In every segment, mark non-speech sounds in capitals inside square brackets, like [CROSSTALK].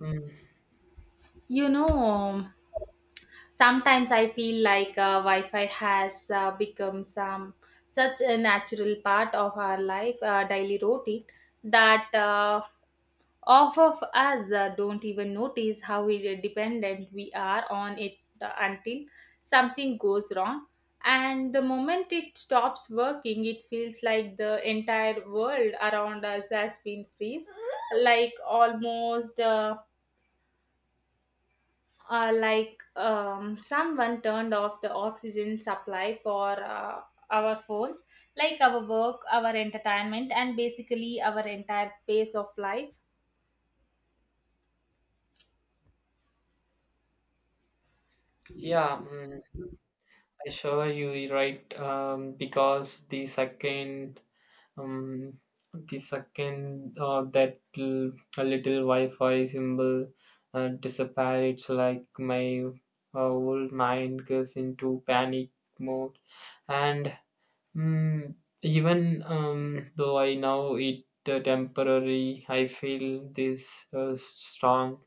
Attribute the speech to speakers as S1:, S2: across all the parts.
S1: Mm,
S2: You know, um, Sometimes I feel like Wi-Fi has become some such a natural part of our life, daily routine, that off of us don't even notice how dependent we are on it until something goes wrong. And the moment it stops working, it feels like the entire world around us has been freeze, like almost. Someone turned off the oxygen supply for our phones, like our work, our entertainment, and basically our entire pace of life.
S1: yeah, I sure you're right. Because the second, um, the second uh, that l- a little Wi-Fi symbol disappear, it's like my whole mind goes into panic mode. And mm, even though I know it temporary, I feel this strong.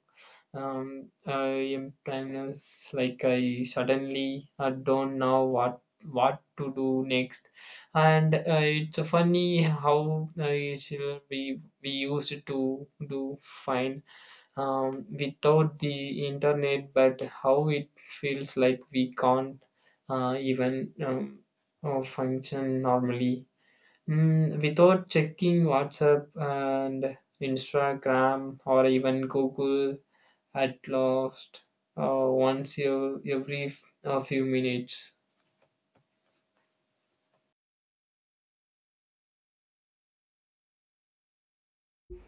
S1: I am timeless. Like I suddenly don't know what to do next, and it's funny how it should be we used to do fine without the internet, but how it feels like we can't even function normally without checking WhatsApp and Instagram or even Google at last once a few minutes.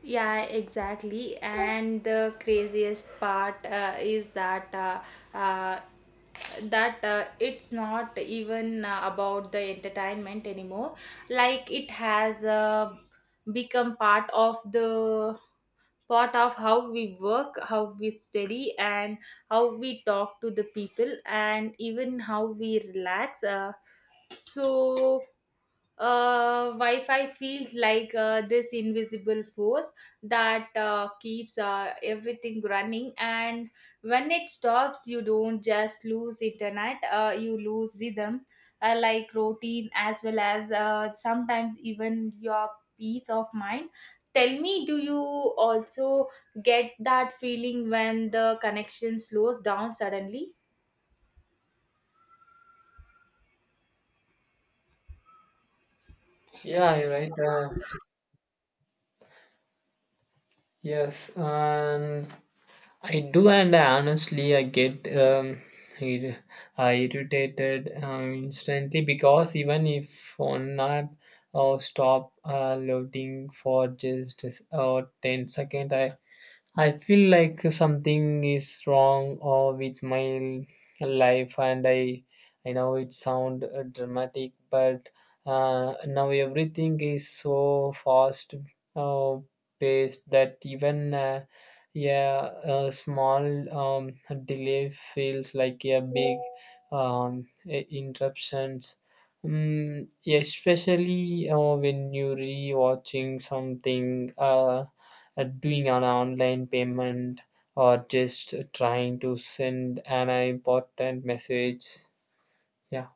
S2: Yeah, exactly. And the craziest part is that uh, that it's not even about the entertainment anymore. Like it has become part of the part of how we work, how we study, and how we talk to the people, and even how we relax. So Wi-Fi feels like this invisible force that keeps everything running, and when it stops you don't just lose internet, you lose rhythm, like routine, as well as sometimes even your peace of mind. Tell me, do you also get that feeling when the connection slows down suddenly?
S1: Yeah, you're right. Yes, and I do, and honestly, I get ir- irritated instantly because even if on app or stop loading for just 10 seconds, I feel like something is wrong or with my life, and I know it sound dramatic, but now everything is so fast uh, paced that even yeah a small um, delay feels like a big interruptions. Mm, especially when you're rewatching something. Doing an online payment or just trying to send an important message. Yeah.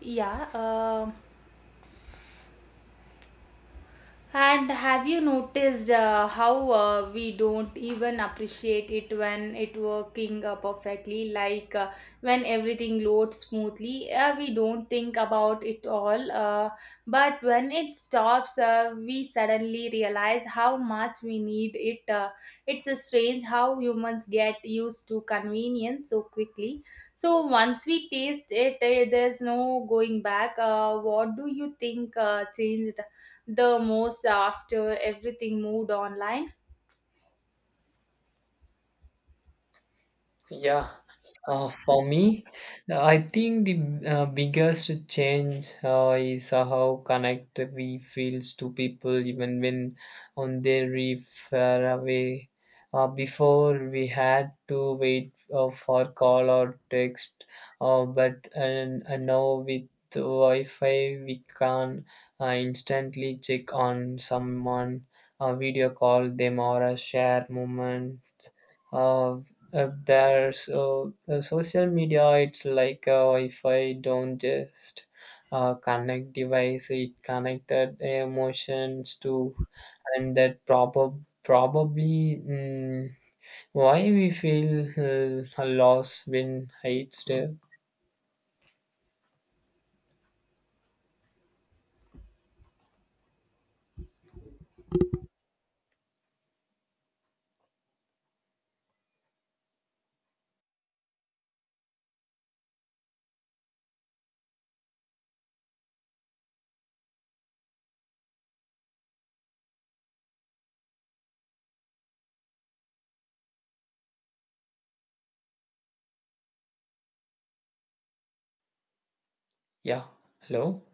S2: Yeah. And have you noticed how we don't even appreciate it when it working perfectly? Like when everything loads smoothly, we don't think about it all. But when it stops, we suddenly realize how much we need it. It's strange how humans get used to convenience so quickly. So once we taste it, eh, there's no going back. What do you think changed the most after everything moved online?
S1: Yeah, for me, I think the biggest change is how connected we feels to people, even when far away. Before we had to wait for call or text. And now with the Wi-Fi, we can instantly check on someone, video call them, or share moments. There, so the social media, it's like if I don't just connect device, it connected emotions to, and that probably why we feel a loss when it's there. Yeah, hello.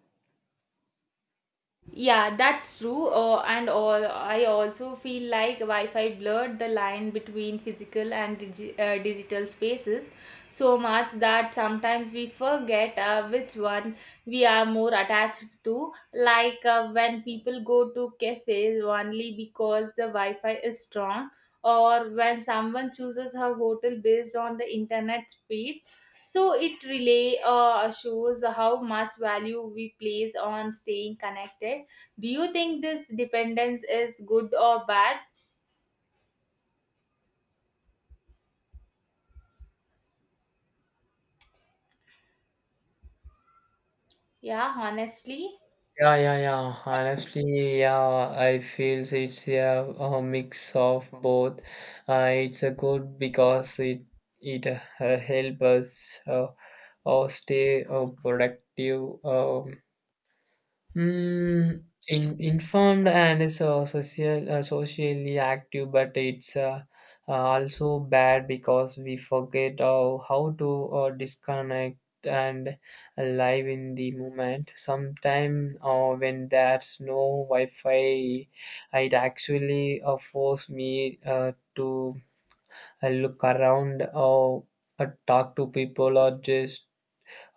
S2: Yeah, that's true. I also feel like Wi Fi blurred the line between physical and digital spaces so much that sometimes we forget which one we are more attached to. Like when people go to cafes only because the Wi Fi is strong, or when someone chooses her hotel based on the internet speed. So it really shows how much value we place on staying connected. Do you think this dependence is good or bad? Yeah, honestly.
S1: Yeah, yeah, yeah. Honestly, yeah, I feel it's yeah, a mix of both. It's a good because it help us stay productive. Informed and is socially active, but it's also bad because we forget how to disconnect and live in the moment. Sometime when there's no Wi-Fi, it actually force me to look around or talk to people or just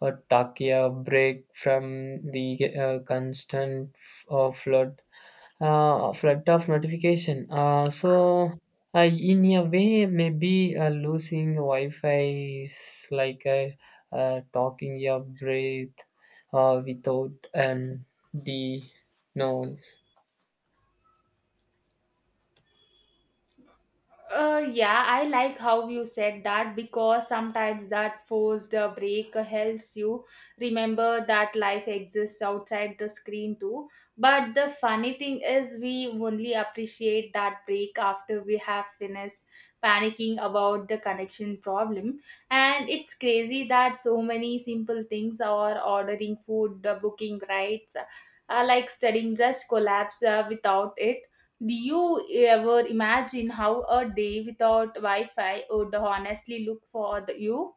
S1: or take a break from the constant flood of notification. So in a way, maybe losing Wi-Fi is like talking your breath without the noise.
S2: Yeah, I like how you said that, because sometimes that forced break helps you remember that life exists outside the screen too. But the funny thing is, we only appreciate that break after we have finished panicking about the connection problem. And it's crazy that so many simple things are ordering food, booking rights, like studying just collapse without it. Do you ever imagine how a day without Wi Fi would honestly look for you?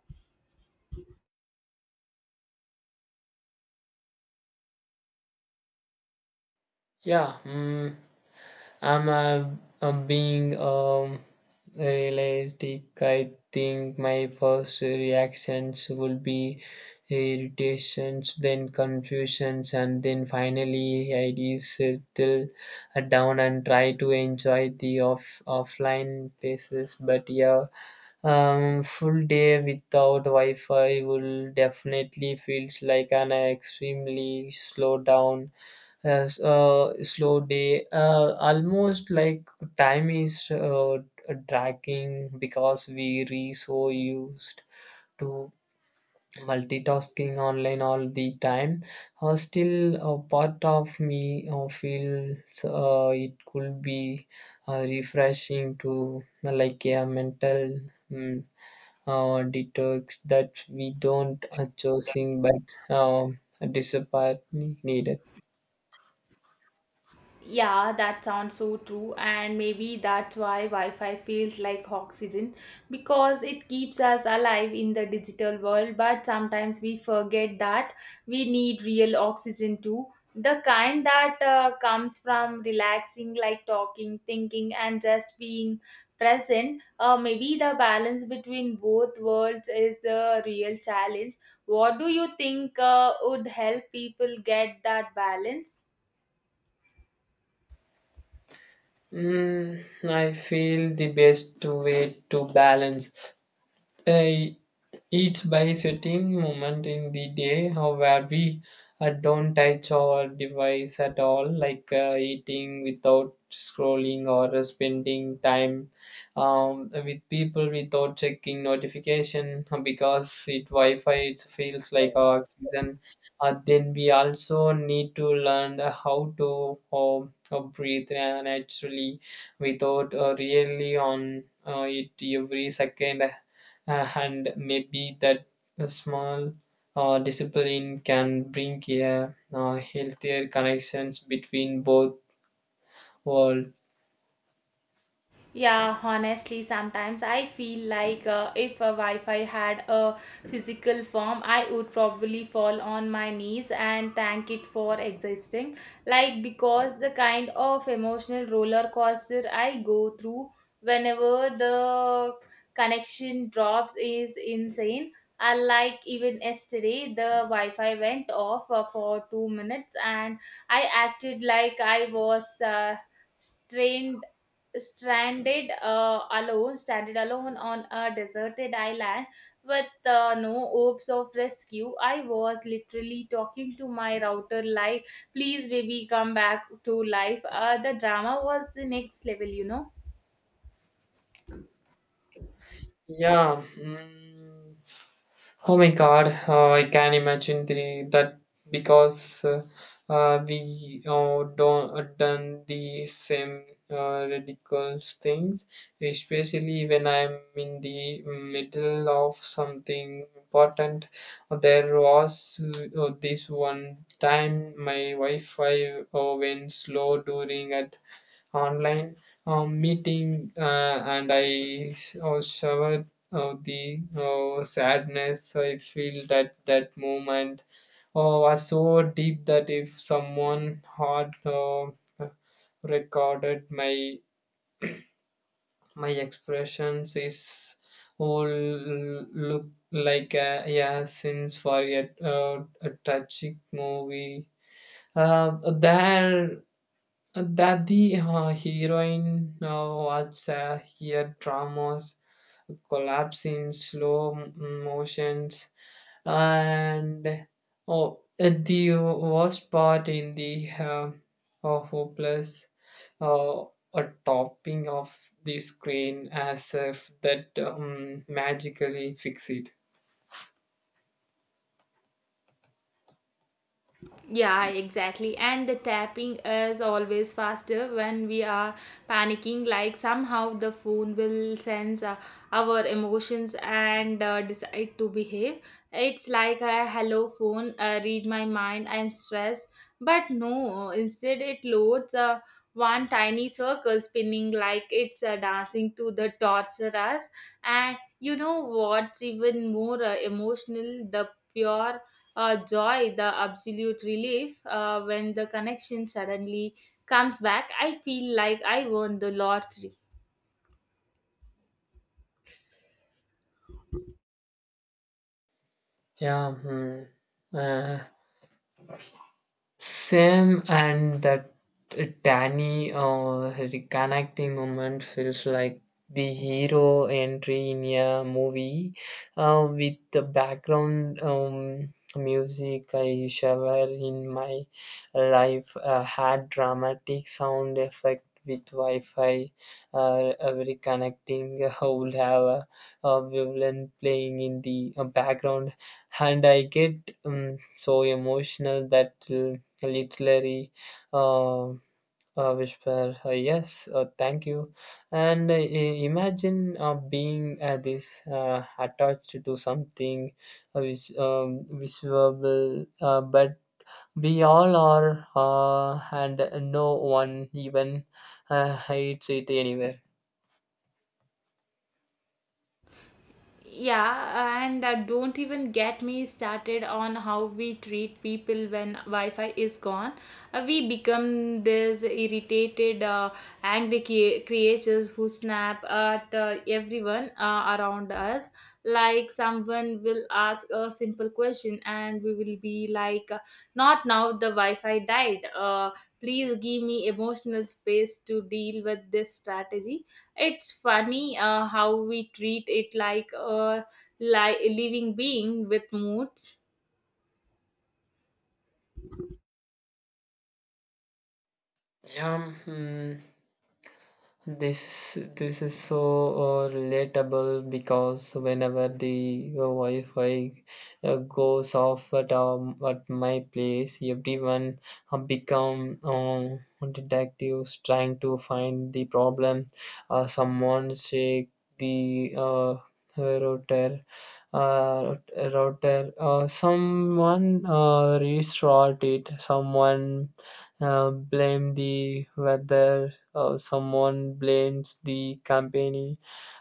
S1: Yeah, I'm I being realistic. I think my first reactions will be irritations, then confusions, and then finally I do settle down and try to enjoy the offline places. But yeah, full day without Wi-Fi will definitely feels like an extremely slow down. Yes, slow day. Almost like time is dragging because we re so used to multitasking online all the time. Still, a part of me feels it could be refreshing to like a mental mm detox that we don't choosing but um, disappointed needed.
S2: Yeah, that sounds so true, and maybe that's why Wi Fi feels like oxygen, because it keeps us alive in the digital world. But sometimes we forget that we need real oxygen too, the kind that comes from relaxing, like talking, thinking, and just being present. Maybe the balance between both worlds is the real challenge. What do you think would help people get that balance?
S1: Mm, I feel the best way to balance. Uh, each by certain moment in the day how where we don't touch our device at all, like eating without scrolling or spending time with people without checking notification because it wi-fi it feels like oxygen. Then we also need to learn how to breathe naturally without really on it every second. And maybe that a small discipline can bring a healthier connections between both worlds.
S2: Yeah, honestly, sometimes I feel like if a Wi-Fi had a physical form, I would probably fall on my knees and thank it for existing. Like because the kind of emotional roller coaster I go through whenever the connection drops is insane. I like even yesterday the Wi-Fi went off for 2 minutes, and I acted like I was strained stranded alone stranded alone on a deserted island with no hopes of rescue. I was literally talking to my router, like, please baby, come back to life. The drama was the next level, you know.
S1: Yeah. Mm. Oh my God. I can imagine that because we don't done the same ridiculous things, especially when I'm in the middle of something important. There was this one time my Wi-Fi went slow during at online meeting and I showered the sadness. I feel that that moment was so deep that if someone had recorded my expressions is all look like a, yeah since for a tragic movie there that the heroine watches her dramas collapse in slow motions. And oh, and the worst part in the hopeless uh, a topping of the screen as if that magically fix it.
S2: Yeah, exactly. And the tapping is always faster when we are panicking, like somehow the phone will sense our emotions and decide to behave. It's like, a hello phone, read my mind, I'm stressed. But no, instead, it loads one tiny circle spinning like it's dancing to the torture us. And you know what's even more emotional? The pure joy, the absolute relief when the connection suddenly comes back. I feel like I won the lottery.
S1: Yeah. Hmm. Uh, Same, and that tiny reconnecting moment feels like the hero entry in a movie with the background music I shower in my life had dramatic sound effect with Wi-Fi reconnecting [LAUGHS] would have a violin playing in the background. And I get so emotional that. Literary uh, whisper yes thank you, and imagine being this attached to something which visual but we all are, and no one even hates it anywhere.
S2: Yeah, and don't even get me started on how we treat people when Wi Fi is gone. We become these irritated, angry creatures who snap at everyone around us. Like someone will ask a simple question, and we will be like, not now, the Wi Fi died. Please give me emotional space to deal with this strategy. It's funny how we treat it like a living being with moods.
S1: Yeah, hmm, this this is so relatable because whenever the Wi-Fi goes off at my place, everyone become detectives trying to find the problem. Someone shake the router. Uh, Someone restart it. Someone blame the weather, someone blames the company,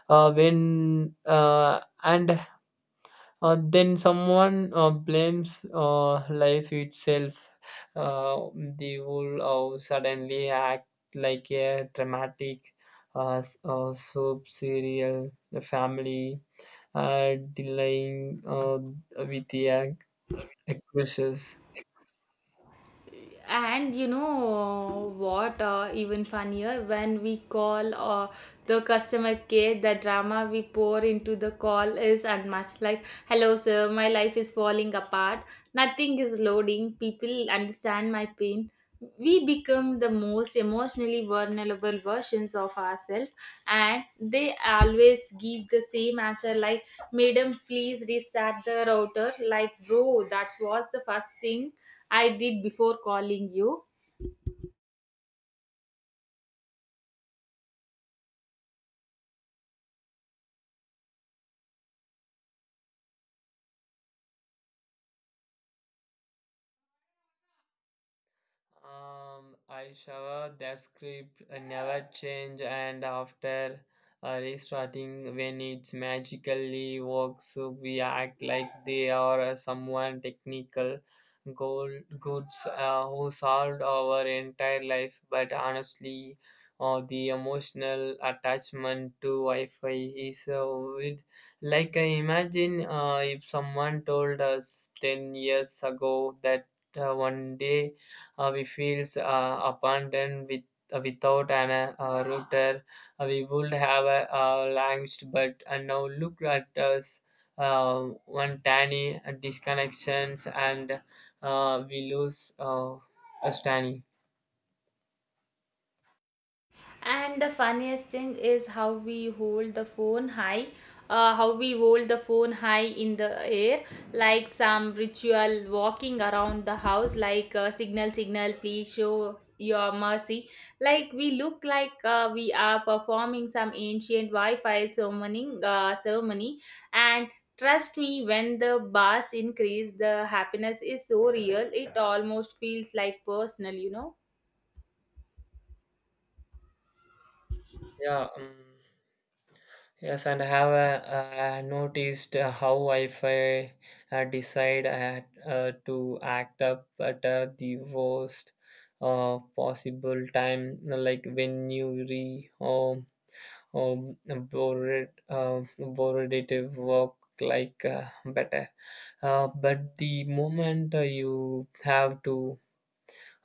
S1: when and then someone blames life itself. Uh, the whole suddenly act like a dramatic soap serial, the family delaying with the actresses.
S2: And you know, what even funnier when we call the customer care? The drama we pour into the call is unmatched, like, hello sir, my life is falling apart, nothing is loading, people understand my pain. We become the most emotionally vulnerable versions of ourselves, and they always give the same answer, like, madam please restart the router. Like bro, that was the first thing I did before calling you.
S1: I shower that script never change, and after restarting when it's magically works we act like they are someone technical gold goods who solved our entire life. But honestly the emotional attachment to Wi-Fi is with, like I imagine if someone told us 10 years ago that one day we feels abandoned with, without an router. We would have launched, but now look at us. One tiny disconnections and we lose a tiny.
S2: And the funniest thing is how we hold the phone high, in the air, like some ritual walking around the house, like signal, signal, please show your mercy. Like we look like we are performing some ancient Wi Fi ceremony. And trust me, when the bars increase, the happiness is so real, it almost feels like personal, you know.
S1: Yeah. Yes, and I have noticed how if I decide to act up at the worst possible time, like when you re um, bored, bored it work like better. But the moment you have to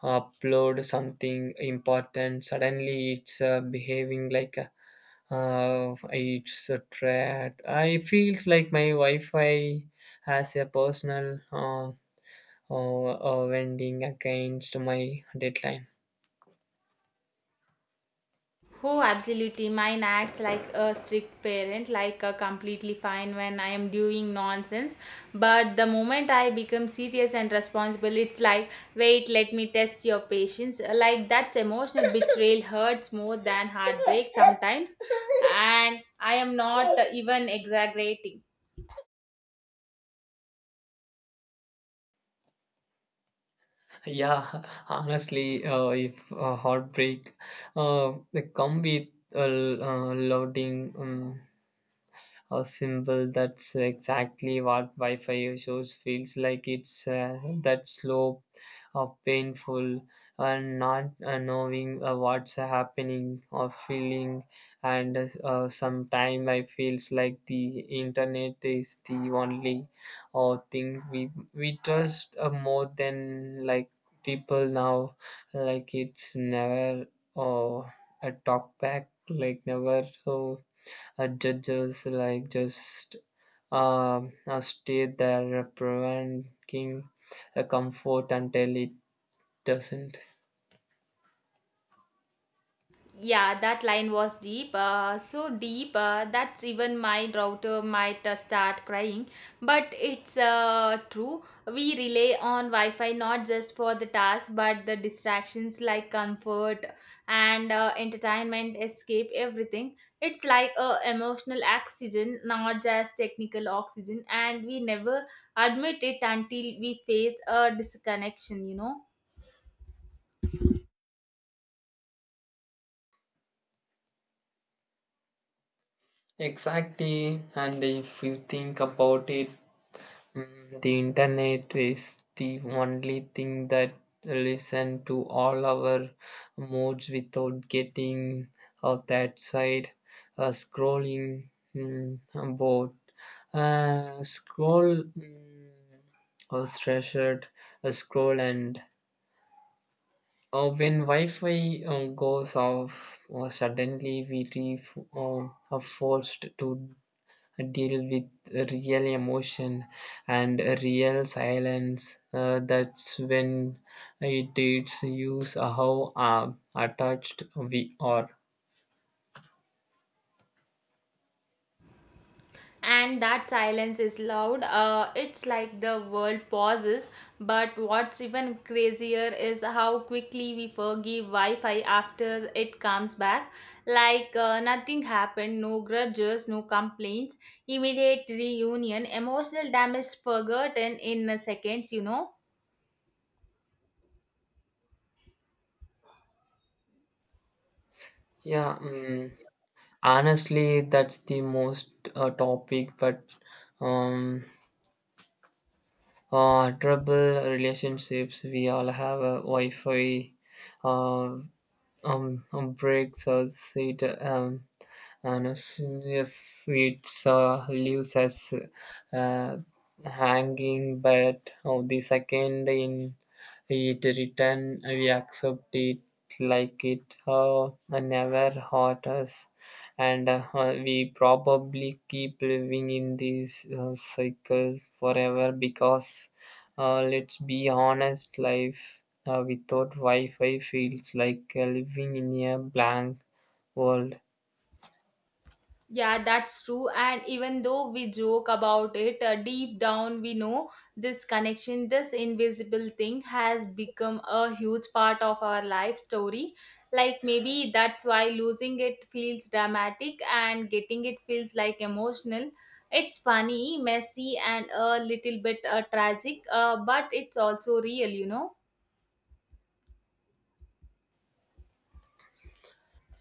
S1: upload something important, suddenly it's behaving like it's a threat. I feels like my Wi-Fi has a personal uh, vending against my deadline.
S2: Oh, absolutely. Mine acts like a strict parent, like a completely fine when I am doing nonsense. But the moment I become serious and responsible, it's like, wait, let me test your patience. Like that's emotional betrayal [LAUGHS] hurts more than heartbreak sometimes. And I am not [LAUGHS] even exaggerating.
S1: Yeah, [LAUGHS] honestly, if heartbreak they come with a loading. A symbol that's exactly what wi-fi shows feels like it's that slow painful and not knowing what's happening or feeling. And sometimes I feels like the internet is the only thing we trust more than like people now. Like it's never uh, a talk back, like never so judges, like just uh, stay there providing a comfort until it doesn't.
S2: Yeah, that line was deep, that's even my router might start crying. But it's true. We rely on Wi-Fi not just for the task, but the distractions like comfort and entertainment, escape, everything. It's like a emotional oxygen, not just technical oxygen, and we never admit it until we face a disconnection. You know.
S1: Exactly, and if you think about it, mm, the internet is the only thing that listen to all our moods without getting out that side. Scrolling about scroll or treasured a scroll. And when Wi-Fi goes off, suddenly we are forced to deal with real emotion and real silence. That's when it teaches use how attached we are.
S2: And that silence is loud. It's like the world pauses. But what's even crazier is how quickly we forgive wi-fi after it comes back, like nothing happened, no grudges, no complaints, immediate reunion, emotional damage forgotten in seconds, you know.
S1: Yeah, honestly, that's the most topic, but um, trouble relationships. We all have a Wi-Fi. Uh, Breaks us. It honestly, yes, it leaves us uh, hanging, but oh, the second in it return, we accept it like it never hurt us, and we probably keep living in this cycle forever because, let's be honest, life without Wi Fi feels like living in a blank world.
S2: Yeah, that's true. And even though we joke about it, deep down we know this connection, this invisible thing has become a huge part of our life story. Like maybe that's why losing it feels dramatic and getting it feels like emotional. It's funny, messy, and a little bit tragic, but it's also real, you know.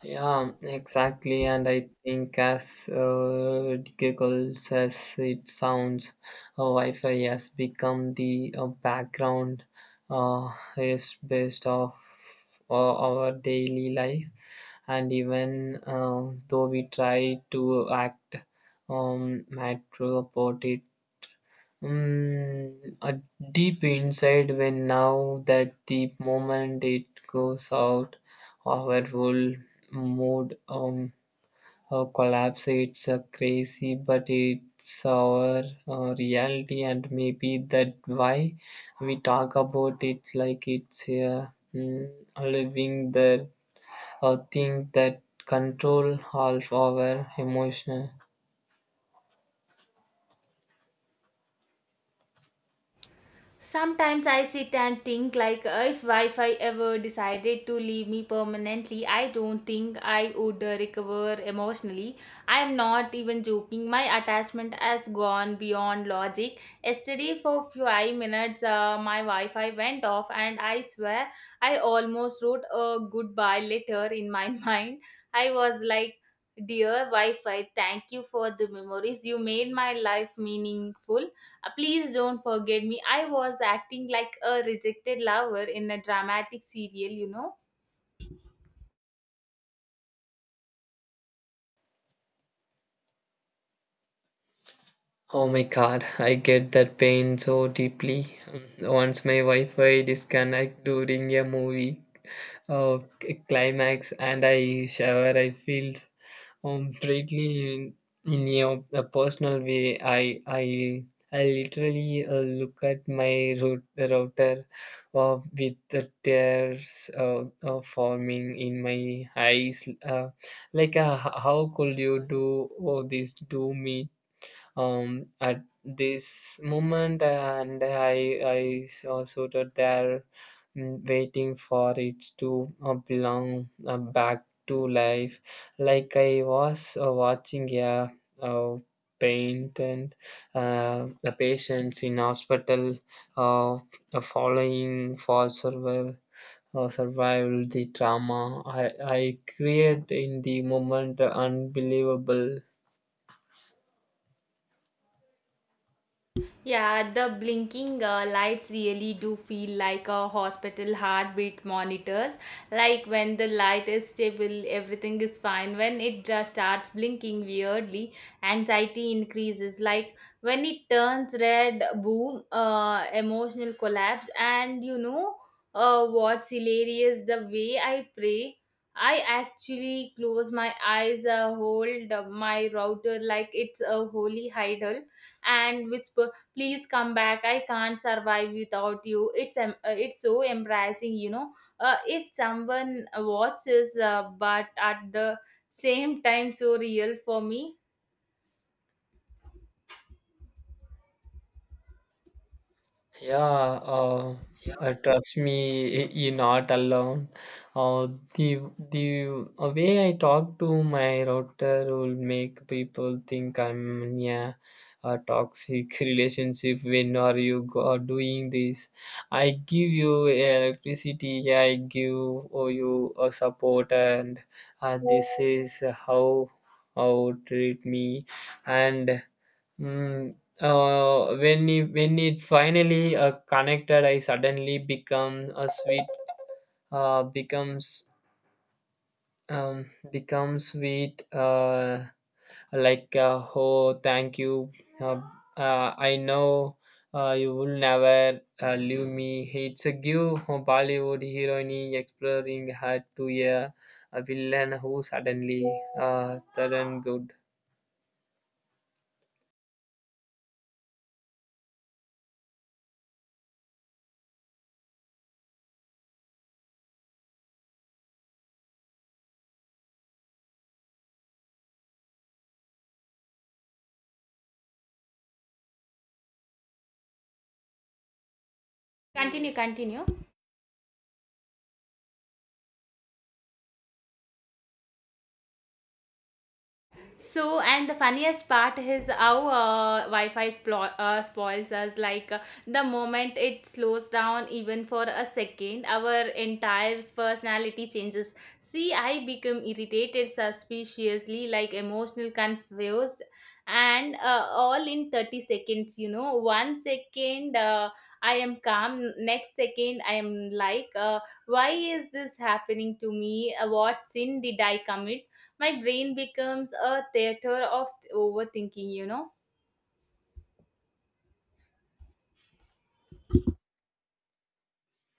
S1: Yeah, exactly. And I think as giggles as it sounds, Wi-Fi has become the background uh, is based off our daily life. And even though we try to act matter about it, a deep inside when now that the moment it goes out of our whole mood collapse. It's crazy but it's our reality. And maybe that why we talk about it like it's a living the thing that control all our emotional.
S2: Sometimes I sit and think, like, if Wi-Fi ever decided to leave me permanently, I don't think I would recover emotionally. I am not even joking. My attachment has gone beyond logic. Yesterday for 5 minutes, my Wi-Fi went off, and I swear I almost wrote a goodbye letter in my [LAUGHS] mind. I was like, "Dear Wi-Fi, thank you for the memories, you made my life meaningful. Please don't forget me." I was acting like a rejected lover in a dramatic serial, you know.
S1: Oh my God, I get that pain so deeply. Once my Wi-Fi disconnect during a movie climax and I shower, I feel completely in your a personal way. I literally look at my router with the tears forming in my eyes. Like, how could you do all this to me? At this moment, and I saw so that they're waiting for it to belong back to life, like I was watching a, uh paint and the patients in hospital following for survival or survival, the trauma I create in the moment, unbelievable.
S2: Yeah, the blinking lights really do feel like a hospital heartbeat monitors. Like when the light is stable, everything is fine. When it starts blinking weirdly, anxiety increases. Like when it turns red, boom, emotional collapse. And you know what's hilarious? The way I pray. I actually close my eyes, hold my router like it's a holy idol, and whisper, please come back, I can't survive without you. It's it's so embarrassing, you know, if someone watches, but at the same time so real for me.
S1: Yeah, uh, trust me, you're not alone. Uh, the the way I talk to my router will make people think I'm in a toxic [LAUGHS] relationship. When are you go doing this? I give you electricity. I give oh, you a support, and this is how treat me, and. Mm, when it finally connected, I suddenly become a sweet becomes becomes sweet, like oh thank you, uh, I know you will never leave me. It's a give a Bollywood heroine exploring her to a villain who suddenly turned good.
S2: Continue, continue. So, and the funniest part is how Wi-Fi spoils us. Like the moment it slows down, even for a second, our entire personality changes. See, I become irritated, suspiciously, like emotional, confused, and all in 30 seconds. You know, one second I am calm, next second I am like, why is this happening to me? What sin did I commit? My brain becomes a theater of overthinking, you know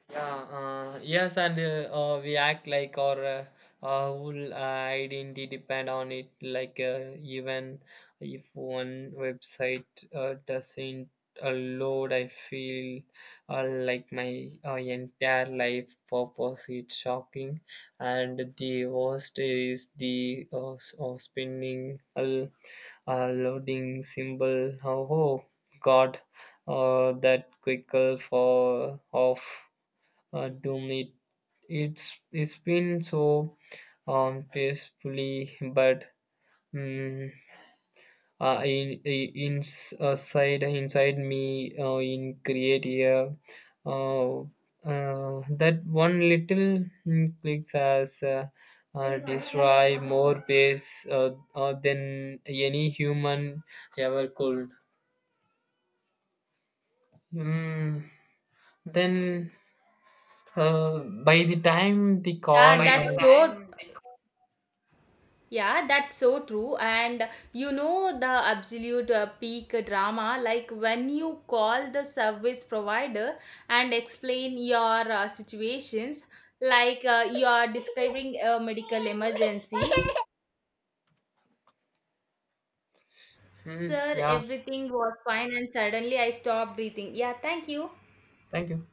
S1: Yeah, yes, and we act like our whole identity depend on it. Like even if one website doesn't load, I feel like my entire life purpose is shocking. And the worst is the spinning loading symbol. Oh God, that quickle for off Doom. It's been so peacefully, but mm in inside inside me in create here, that one little clicks has destroy more base than any human ever could. Mm, then uh, by the time the
S2: yeah
S1: call,
S2: that's so yeah, that's so true. And you know the absolute peak drama, like when you call the service provider and explain your situations, like you are describing a medical emergency. [LAUGHS] Sir,
S1: yeah,
S2: everything was fine, and suddenly I stopped breathing. Yeah, thank you.
S1: thank you.